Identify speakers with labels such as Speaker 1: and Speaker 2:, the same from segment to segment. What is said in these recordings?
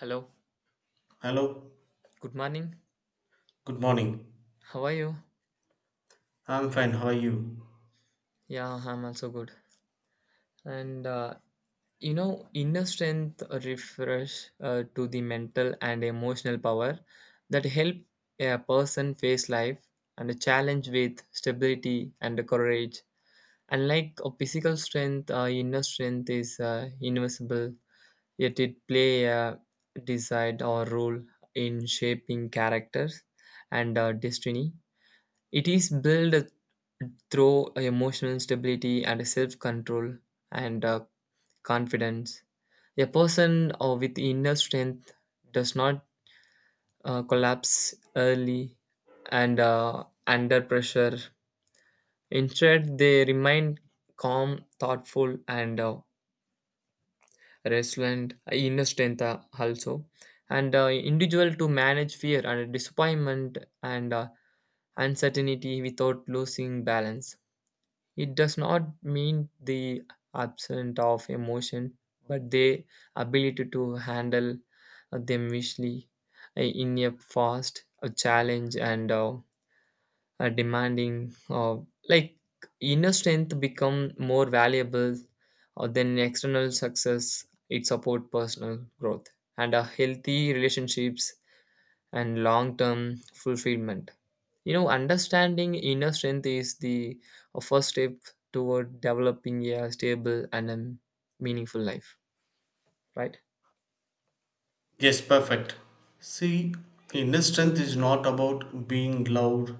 Speaker 1: Hello,
Speaker 2: Hello,
Speaker 1: good morning.
Speaker 2: good morning.
Speaker 1: How are you?
Speaker 2: I'm fine, how are you?
Speaker 1: Yeah, I'm also good. And inner strength refers to the mental and emotional power that help a person face life and a challenge with stability and courage. Unlike a physical strength, inner strength is invisible, yet it play a desired or role in shaping characters and destiny. It is built through emotional stability and self control and confidence. A person with inner strength does not collapse early and under pressure. Instead, they remain calm, thoughtful, and resilient. Inner strength also, and individual to manage fear and disappointment and uncertainty without losing balance. It does not mean the absence of emotion, but the ability to handle them visually in a fast, a challenge, and a demanding, like inner strength become more valuable than external success. It support personal growth and a healthy relationships and long-term fulfillment. Understanding inner strength is the first step toward developing a stable and meaningful life, right?
Speaker 2: Yes, perfect. See, inner strength is not about being loud,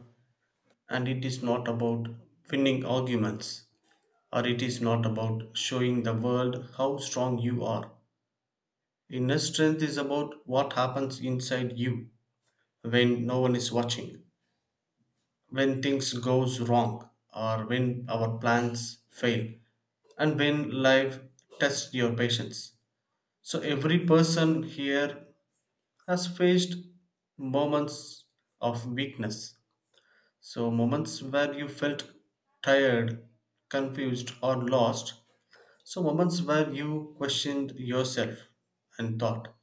Speaker 2: and it is not about winning arguments, or it is not about showing the world how strong you are. Inner strength is about what happens inside you when no one is watching, when things goes wrong, or when our plans fail and when life tests your patience. So every person here has faced moments of weakness. So, moments where you felt tired, confused, or lost. So, moments where you questioned yourself and thought.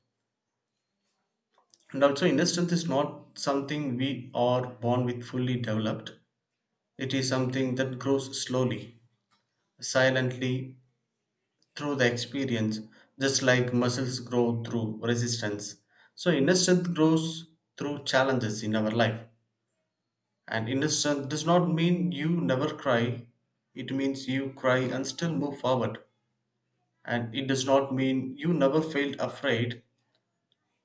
Speaker 2: And also, inner strength is not something we are born with fully developed, it is something that grows slowly, silently through the experience, just like muscles grow through resistance. So, inner strength grows through challenges in our life. And innocent does not mean you never cry, it means you cry and still move forward. And it does not mean you never felt afraid,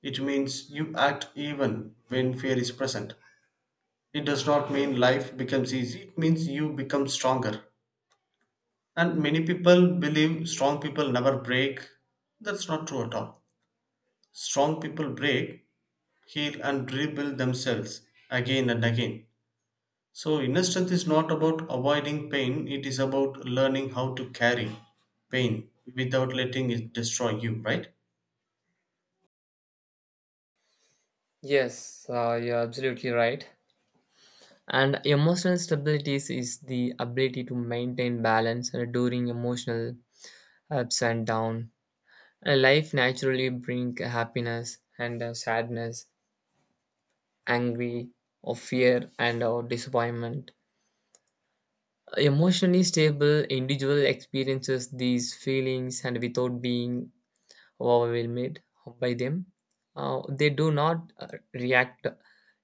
Speaker 2: it means you act even when fear is present. It does not mean life becomes easy, it means you become stronger. And many people believe strong people never break. That's not true at all. Strong people break, heal, and rebuild themselves again and again. So, inner strength is not about avoiding pain, it is about learning how to carry pain without letting it destroy you, right?
Speaker 1: Yes, you're absolutely right. And emotional stability is the ability to maintain balance during emotional ups and downs. Life naturally brings happiness and sadness, angry or fear and or disappointment. Emotionally stable individual experiences these feelings and without being overwhelmed by them. They do not react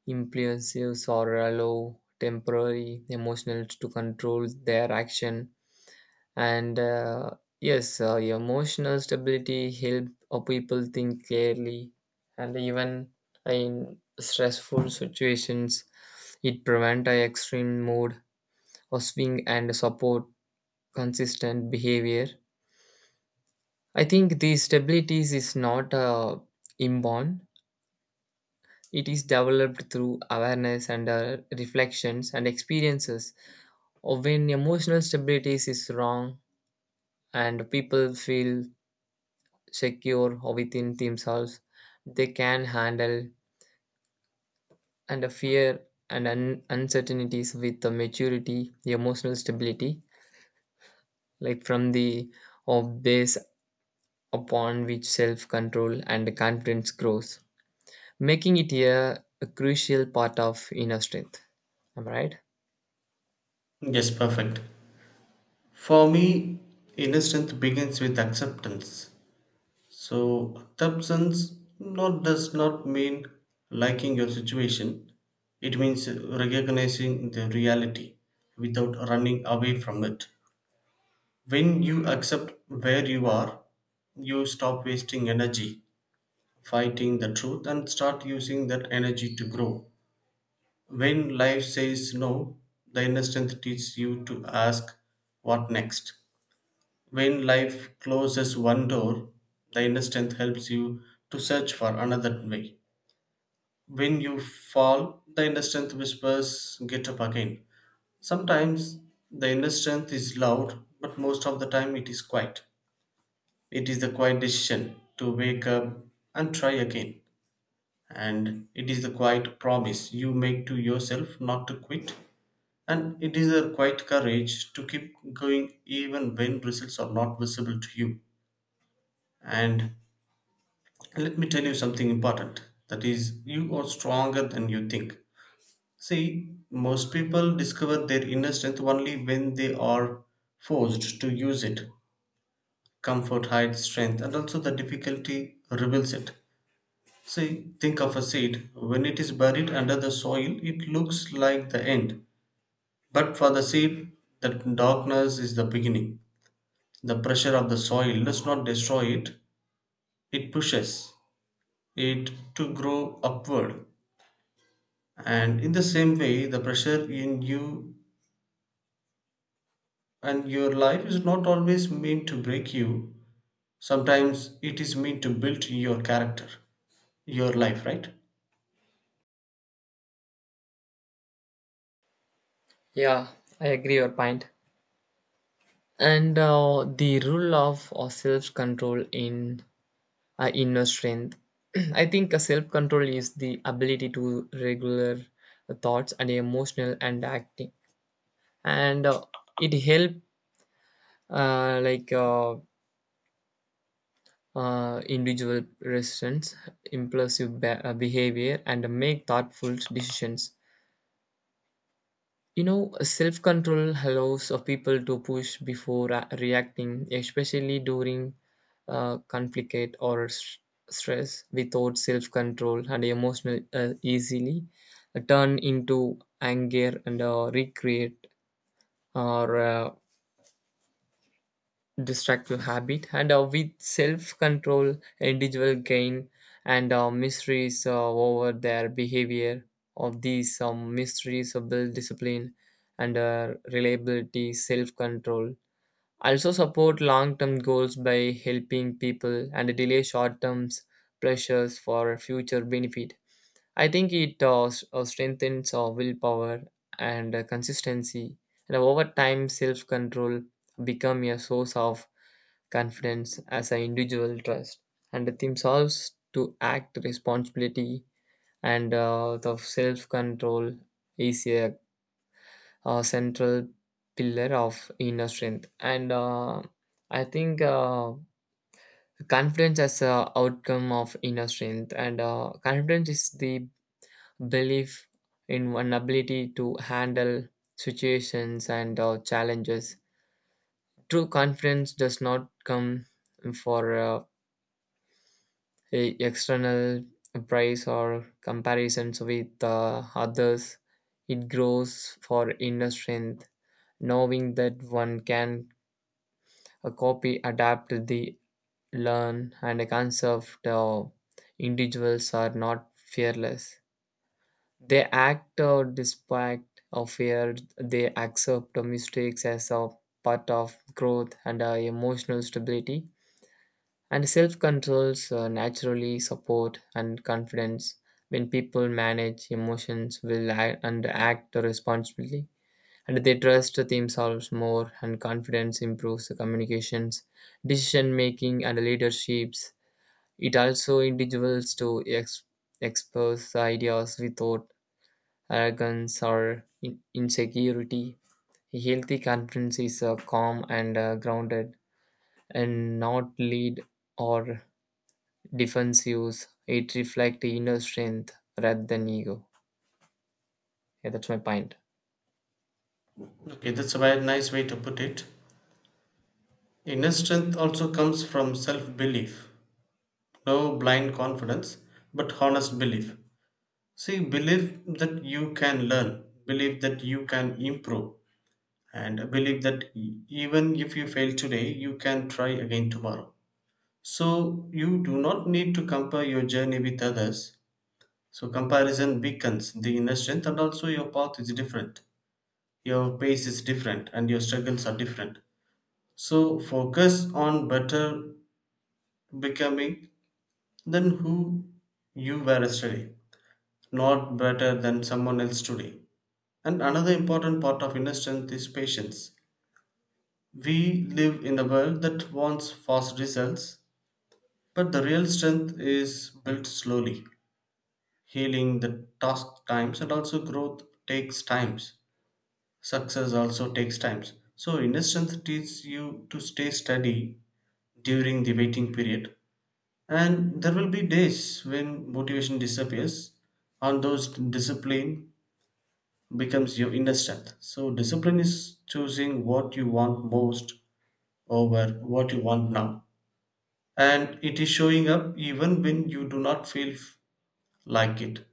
Speaker 1: impulsive or allow temporary emotions to control their action. And yes, emotional stability help people think clearly, and even in stressful situations, it prevent a extreme mood or swing and support consistent behavior. I think the stabilities is not inborn. It is developed through awareness and reflections and experiences. Or when emotional stability is wrong and people feel secure or within themselves, they can handle and fear and uncertainties with the maturity, the emotional stability, like from the of base upon which self-control and confidence grows, making it a crucial part of inner strength. Am I right?
Speaker 2: Yes, perfect. For me, inner strength begins with acceptance. So, acceptance not does not mean liking your situation. It means recognizing the reality without running away from it. When you accept where you are, you stop wasting energy fighting the truth and start using that energy to grow. When life says no, the inner strength teaches you to ask what next. When life closes one door, the inner strength helps you to search for another way. When you fall, the inner strength whispers, get up again. Sometimes the inner strength is loud, but most of the time it is quiet. It is the quiet decision to wake up and try again. And it is the quiet promise you make to yourself not to quit. And it is a quiet courage to keep going even when results are not visible to you. And let me tell you something important, that is, you are stronger than you think. See, most people discover their inner strength only when they are forced to use it. Comfort hides strength, and also the difficulty reveals it. See, think of a seed. When it is buried under the soil, it looks like the end. But for the seed, the darkness is the beginning. The pressure of the soil does not destroy it, it pushes it to grow upward. And in the same way, the pressure in you and your life is not always meant to break you. Sometimes it is meant to build your character, your life, right?
Speaker 1: Yeah, I agree your point. And the rule of or self control in inner strength. I think a self control is the ability to regular thoughts and emotional and acting, and it help uh, like uh, individual resistance, impulsive behavior, and make thoughtful decisions. Self control allows people to push before reacting, especially during conflict or stress. Without self control and emotional easily turn into anger and recreate or destructive habit, and with self-control individual gain and mysteries over their behavior of these mysteries of build discipline and reliability. Self-control also support long-term goals by helping people and delay short-term pressures for future benefit. I think it strengthens our willpower and consistency, and over time, self control become a source of confidence as an individual trust, and the theme solves to act responsibility and the self control is central pillar of inner strength, and I think confidence as a outcome of inner strength, and confidence is the belief in one ability to handle situations and challenges. True confidence does not come for a external price or comparisons with others. It grows for inner strength, knowing that one can copy, adapt, the learn, and conserve. The individuals are not fearless. They act despite of fear. They accept the mistakes as a part of growth and emotional stability. And self controls naturally support and confidence when people manage emotions will act and act responsibly. And they trust themselves more, and confidence improves the communications, decision making, and leaderships. It also individuals to express ideas without arrogance or insecurity. Healthy confidence is calm and grounded and not lead or defensive. It reflects inner strength rather than ego. Yeah, that's my point.
Speaker 2: Okay, that's a very nice way to put it. Inner strength also comes from self belief. No blind confidence, but honest belief. See, believe that you can learn, believe that you can improve, and believe that even if you fail today, you can try again tomorrow. So, you do not need to compare your journey with others. So, comparison weakens the inner strength, and also your path is different. Your pace is different, and your struggles are different. So, focus on better becoming then who you were yesterday, not better than someone else today. And another important part of inner strength is patience. We live in a world that wants fast results, but the real strength is built slowly. Healing the task times and also growth takes times. Success also takes times. So inner strength teaches you to stay steady during the waiting period. And there will be days when motivation disappears, and those discipline becomes your inner strength. So, discipline is choosing what you want most over what you want now. And it is showing up even when you do not feel like it.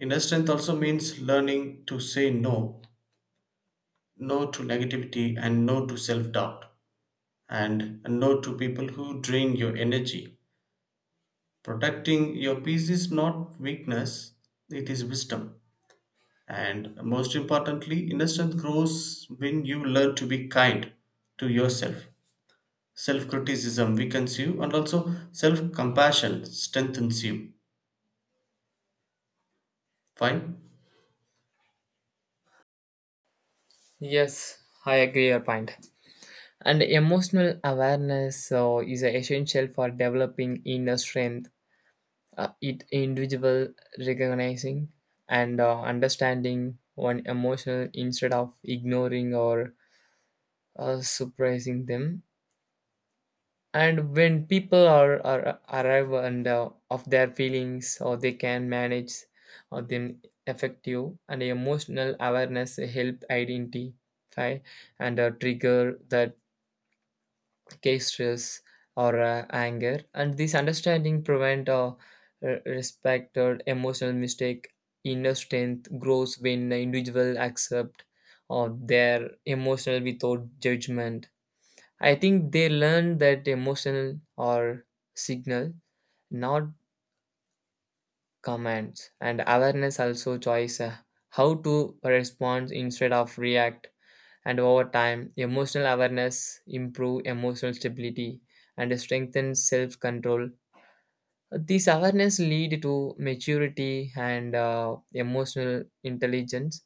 Speaker 2: Inner strength also means learning to say no, no to negativity, and no to self doubt, and no to people who drain your energy. Protecting your peace is not weakness, it is wisdom. And most importantly, inner strength grows when you learn to be kind to yourself. Self criticism weakens you, and also self compassion strengthens you. Fine?
Speaker 1: Yes, I agree your point. And emotional awareness is essential for developing inner strength. It individual recognizing and understanding one emotional instead of ignoring or surprising them, and when people are arrive and of their feelings or they can manage or them effective, and emotional awareness help identify and trigger that case stress or anger, and this understanding prevent respect or emotional mistake. Inner strength grows when the individual accept or their emotional without judgment. I think they learn that emotional or signal, not commands. And awareness also choice how to respond instead of react. And over time, emotional awareness improve emotional stability and strengthen self control. These awareness lead to maturity and emotional intelligence,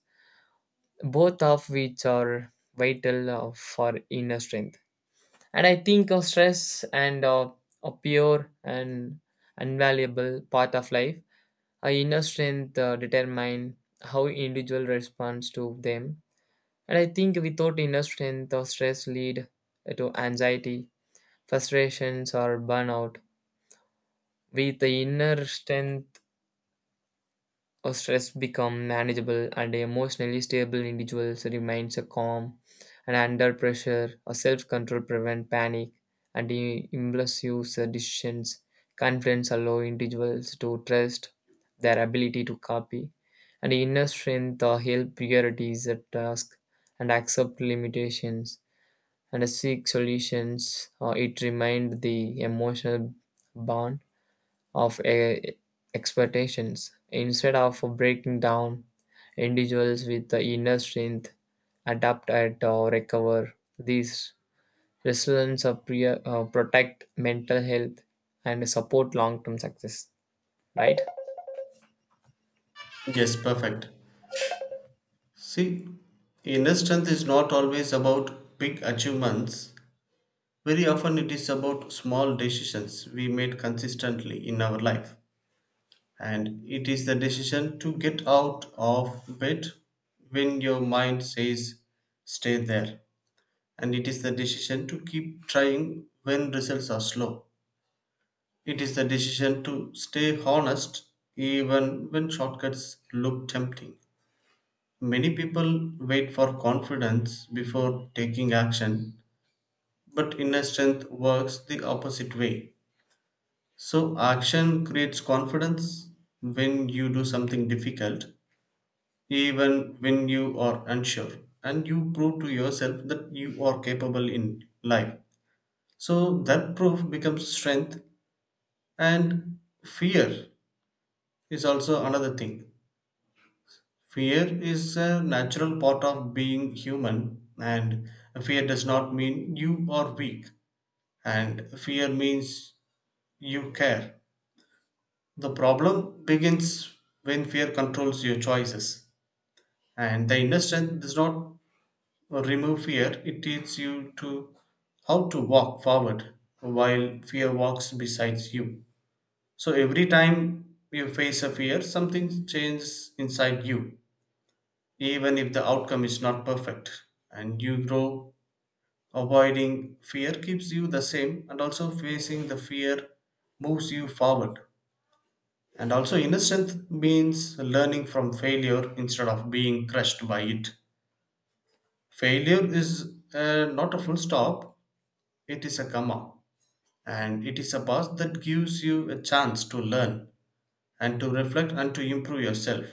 Speaker 1: both of which are vital for inner strength. And I think of stress and a pure and invaluable part of life, our inner strength determine how individual responds to them. And I think without inner strength or stress lead to anxiety, frustrations or burnout. With the inner strength, or stress become manageable, and emotionally stable individuals remains a calm and under pressure, or self-control prevent panic and impulsive decisions. Confidence allow individuals to trust their ability to copy, and inner strength or help priorities at task and accept limitations and seek solutions, or it remind the emotional bond of expectations instead of breaking down. Individuals with the inner strength adapt at or recover these resilience of protect mental health and support long-term success, right?
Speaker 2: Yes, perfect. See, inner strength is not always about big achievements. Very often, it is about small decisions we made consistently in our life. And it is the decision to get out of bed when your mind says, stay there, and it is the decision to keep trying when results are slow. It is the decision to stay honest even when shortcuts look tempting. Many people wait for confidence before taking action, but inner strength works the opposite way. So, action creates confidence when you do something difficult, even when you are unsure, and you prove to yourself that you are capable in life. So that proof becomes strength, and fear is also another thing. Fear is a natural part of being human, and fear does not mean you are weak, and fear means you care. The problem begins when fear controls your choices, and the inner strength does not remove fear, it teaches you to how to walk forward while fear walks beside you. So every time you face a fear, something changes inside you, even if the outcome is not perfect. And you grow. Avoiding fear keeps you the same, and also facing the fear moves you forward. And also, innocence means learning from failure instead of being crushed by it. Failure is not a full stop, it is a comma. And it is a path that gives you a chance to learn and to reflect and to improve yourself.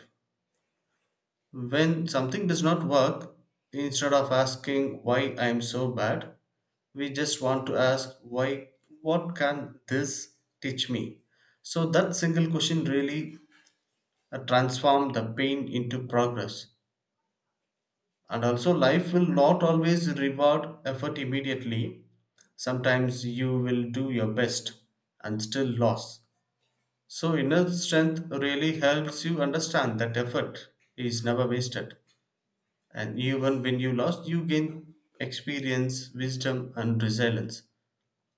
Speaker 2: When something does not work, instead of asking why I am so bad, we just want to ask why what can this teach me? So that single question really transform the pain into progress. And also life will not always reward effort immediately. Sometimes you will do your best and still lose. So inner strength really helps you understand that effort is never wasted. And even when you lost, you gain experience, wisdom, and resilience.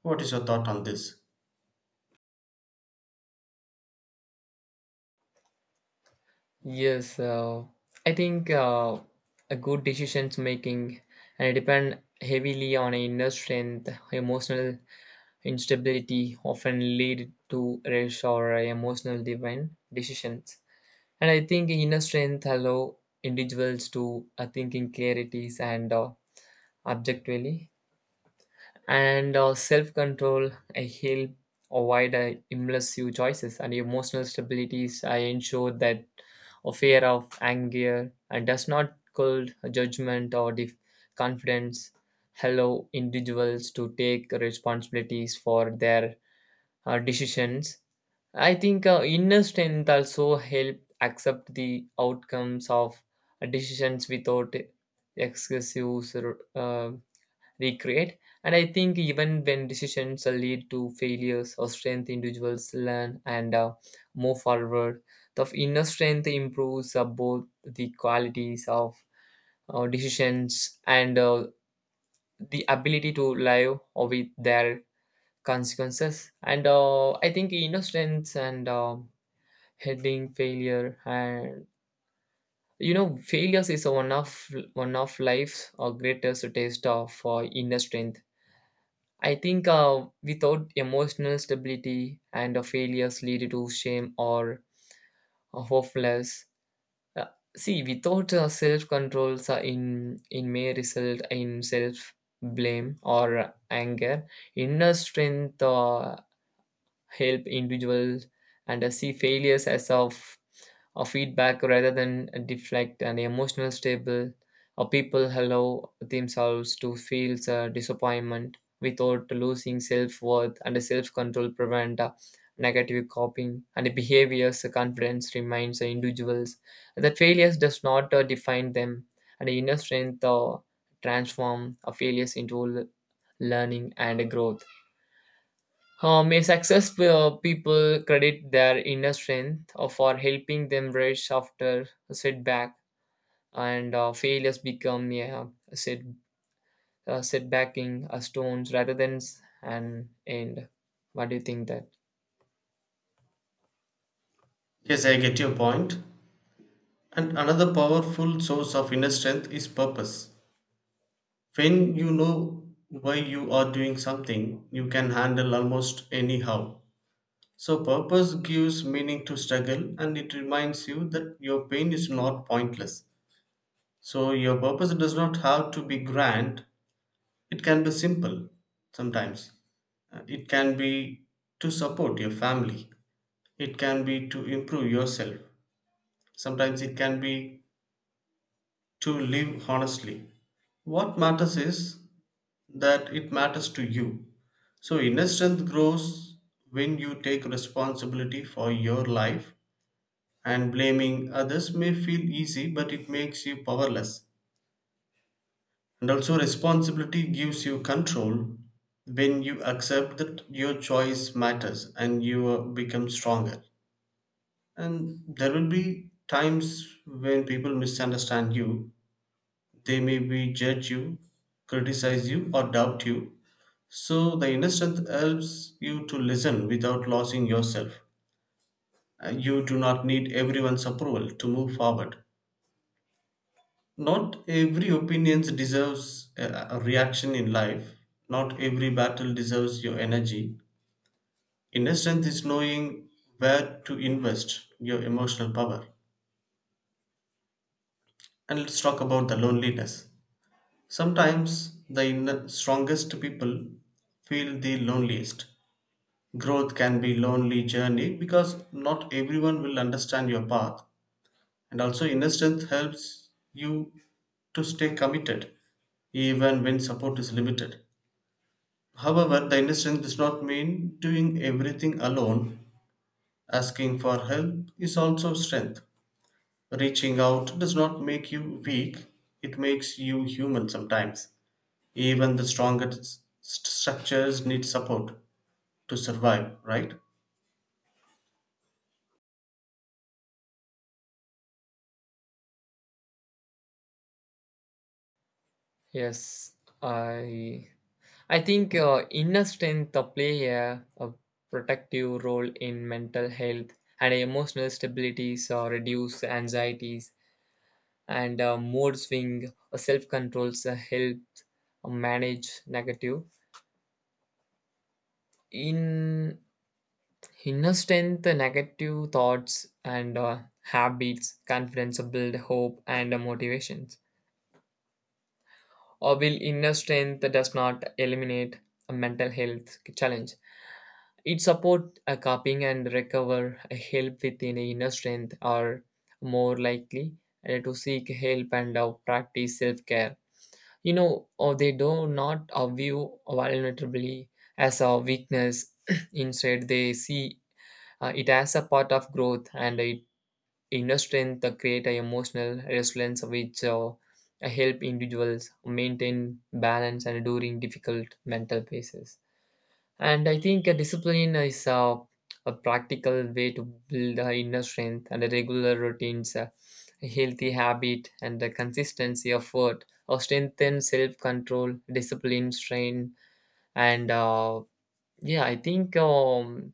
Speaker 2: What is your thought on this?
Speaker 1: Yes, I think a good decisions making, and it depend heavily on inner strength. Emotional instability often lead to rash or emotional divine decisions. And I think inner strength allow individuals to thinking clarities and objectively, and self-control help avoid impulsive choices, and emotional stabilities I ensure that a fear of anger and does not cold judgment or confidence allow individuals to take responsibilities for their decisions. I think inner strength also help accept the outcomes of decisions without excessive uh, regret. And I think even when decisions lead to failures or strength, individuals learn and move forward. The inner strength improves both the qualities of decisions and the ability to live with their consequences, and I think inner know strengths and heading failure. And failures is one of life's greatest taste of inner strength. I think without emotional stability and failures lead to shame or hopeless. uh, see, without self controls in may result in self blame or anger. Inner strength help individuals and see failures as of a feedback rather than a deflect, and emotional stable or people allow themselves to feel disappointment without losing self-worth, and self-control prevent negative coping and behaviors. Confidence reminds the individuals that failures does not define them, and inner strength transform a failures into learning and growth. May successful people credit their inner strength for helping them rise after a setback, and failures become yeah, a set, setbacking stones rather than an end. What do you think that?
Speaker 2: Yes, I get your point. And another powerful source of inner strength is purpose. When you know why you are doing something, you can handle almost anyhow. So, purpose gives meaning to struggle and it reminds you that your pain is not pointless. So, your purpose does not have to be grand, it can be simple sometimes. It can be to support your family. It can be to improve yourself. Sometimes it can be to live honestly. What matters is that it matters to you. So inner strength grows when you take responsibility for your life and blaming others may feel easy but it makes you powerless. And also, responsibility gives you control when you accept that your choice matters and you become stronger. And there will be times when people misunderstand you, they may be judge you, criticize you, or doubt you. So, the inner strength helps you to listen without losing yourself. You do not need everyone's approval to move forward. Not every opinion deserves a reaction in life. Not every battle deserves your energy. Inner strength is knowing where to invest your emotional power. And let's talk about the loneliness. Sometimes the inner, strongest people feel the loneliest. Growth can be lonely journey because not everyone will understand your path. And also inner strength helps you to stay committed even when support is limited. However, the independence does not mean doing everything alone. Asking for help is also strength. Reaching out does not make you weak, it makes you human sometimes. Even the strongest structures need support to survive, right?
Speaker 1: Yes, I I think inner strength play a protective role in mental health and emotional stability, so reduce anxieties and mood swing, or self controls help manage negative in inner strength, negative thoughts and habits. Confidence build hope and motivations, or will inner strength does not eliminate a mental health challenge. It support a coping and recover a help within inner strength are more likely to seek help and practice self-care. Or they do not view vulnerability as a weakness. Instead they see it as a part of growth, and it inner strength to create a emotional resilience which help individuals maintain balance and during difficult mental phases. And I think a discipline is a practical way to build inner strength, and a regular routines, a healthy habit, and the consistency of effort, or strengthen self control, discipline, strain, and yeah, I think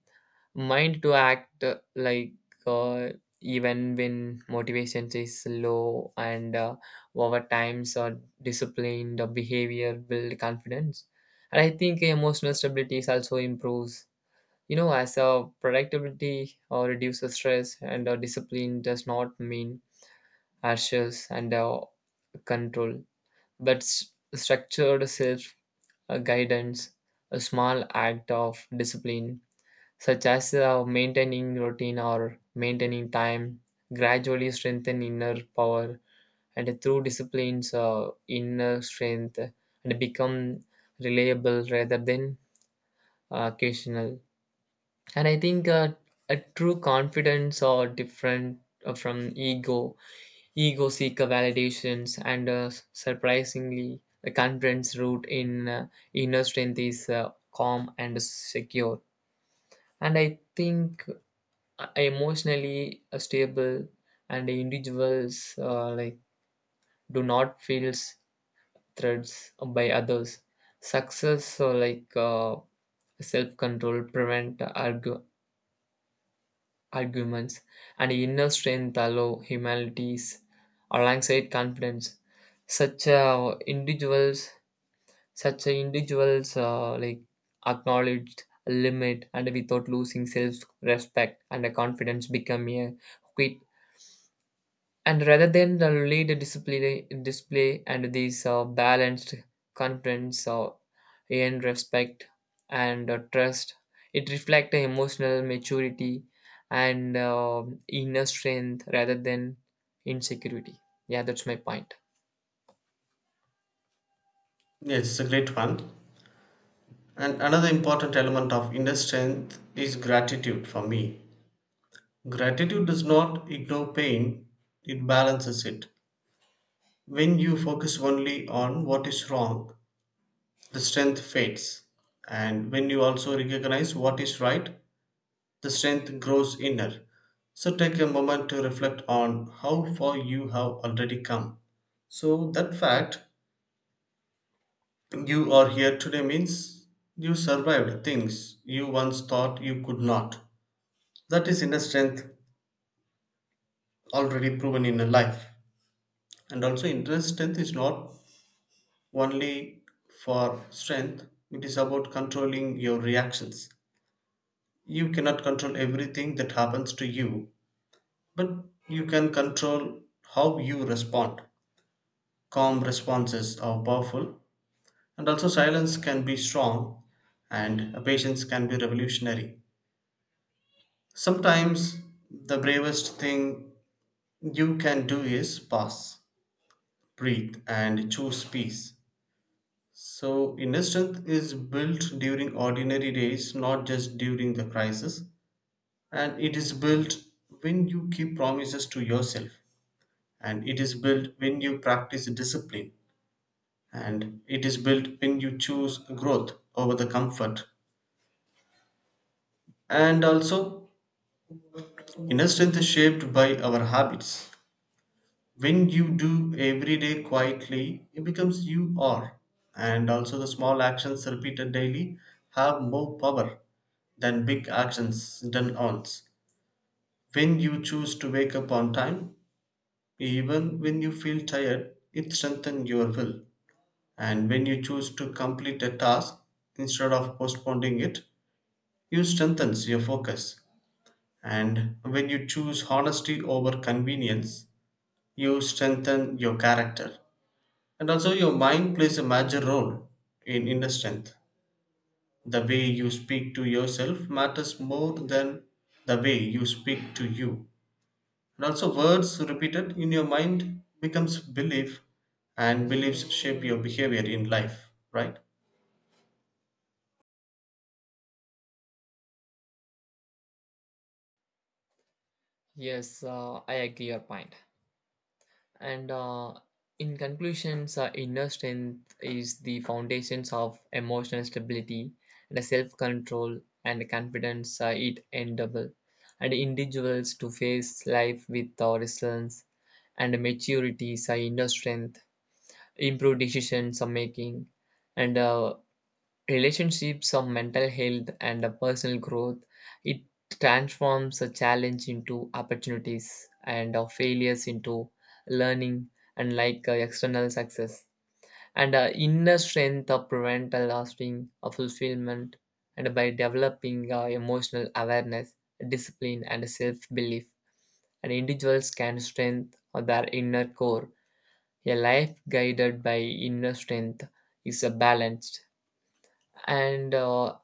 Speaker 1: mind to act uh, even when motivation is low, and over times or disciplined behavior build confidence. And I think emotional stability is also improves, as a productivity or reduces stress, and discipline does not mean harshness and control, but structured self guidance, a small act of discipline, such as maintaining routine or maintaining time, gradually strengthen inner power, and through disciplines, inner strength and become reliable rather than occasional. And I think a true confidence are different from ego. Ego seeker validations, and surprisingly, the confidence root in inner strength is calm and secure. And I think emotionally stable and individuals do not feel threats by others. Success or self control prevent arguments, and inner strength allow humanities alongside confidence. Such uh, individuals, such individuals acknowledged limit and without losing self-respect, and the confidence become a quick and rather than the lead display, and these balanced confidence in respect and trust, it reflects emotional maturity and inner strength rather than insecurity. Yeah, that's my point.
Speaker 2: Yes, it's a great one. And another important element of inner strength is gratitude for me. Gratitude does not ignore pain, it balances it. When you focus only on what is wrong, the strength fades. And when you also recognize what is right, the strength grows inner. So take a moment to reflect on how far you have already come. So that fact you are here today means you survived things you once thought you could not. That is inner strength already proven in a life. And also inner strength is not only for strength, it is about controlling your reactions. You cannot control everything that happens to you, but you can control how you respond. Calm responses are powerful, and also silence can be strong, and patience can be revolutionary. Sometimes the bravest thing you can do is pause, breathe, and choose peace. So, inner strength is built during ordinary days, not just during the crisis, and it is built when you keep promises to yourself and it is built when you practice discipline and it is built when you choose growth over the comfort. And also inner strength is shaped by our habits. When you do every day quietly it becomes you are, and also the small actions repeated daily have more power than big actions done once. When you choose to wake up on time even when you feel tired it strengthens your will. And when you choose to complete a task instead of postponing it, you strengthens your focus. And when you choose honesty over convenience, you strengthen your character. And also your mind plays a major role in inner strength. The way you speak to yourself matters more than the way you speak to you. And also words repeated in your mind becomes belief and beliefs shape your behavior in life, right?
Speaker 1: Yes, I agree your point. And in conclusions, inner strength is the foundations of emotional stability and self control and confidence. It endable, and individuals to face life with resilience and maturity. So inner strength, improved decisions are making, and relationships of mental health and a personal growth, it transforms a challenge into opportunities and our failures into learning, and like external success, and inner strength of prevent a lasting of fulfillment, and by developing emotional awareness, discipline and self-belief, and individuals can strengthen their inner core. A life guided by inner strength is a balanced and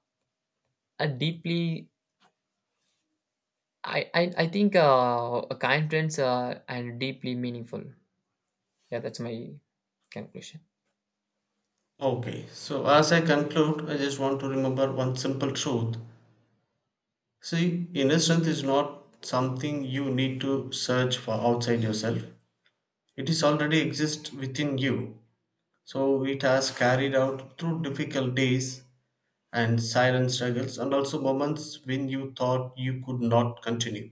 Speaker 1: a deeply, I think a kind friends and deeply meaningful. Yeah, that's my conclusion.
Speaker 2: Okay, so as I conclude, I just want to remember one simple truth. See, inner strength is not something you need to search for outside yourself. It is already exists within you. So it has carried out through difficult days and silent struggles and also moments when you thought you could not continue.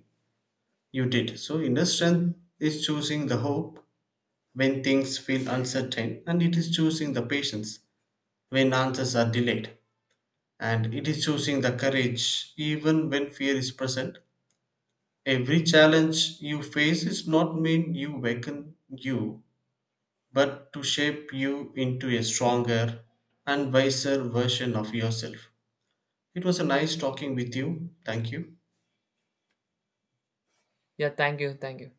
Speaker 2: You did. So inner strength is choosing the hope when things feel uncertain and it is choosing the patience when answers are delayed, and it is choosing the courage even when fear is present. Every challenge you face is not mean you weaken you, but to shape you into a stronger and wiser version of yourself. It was a nice talking with you. Thank you.
Speaker 1: Yeah, thank you, thank you.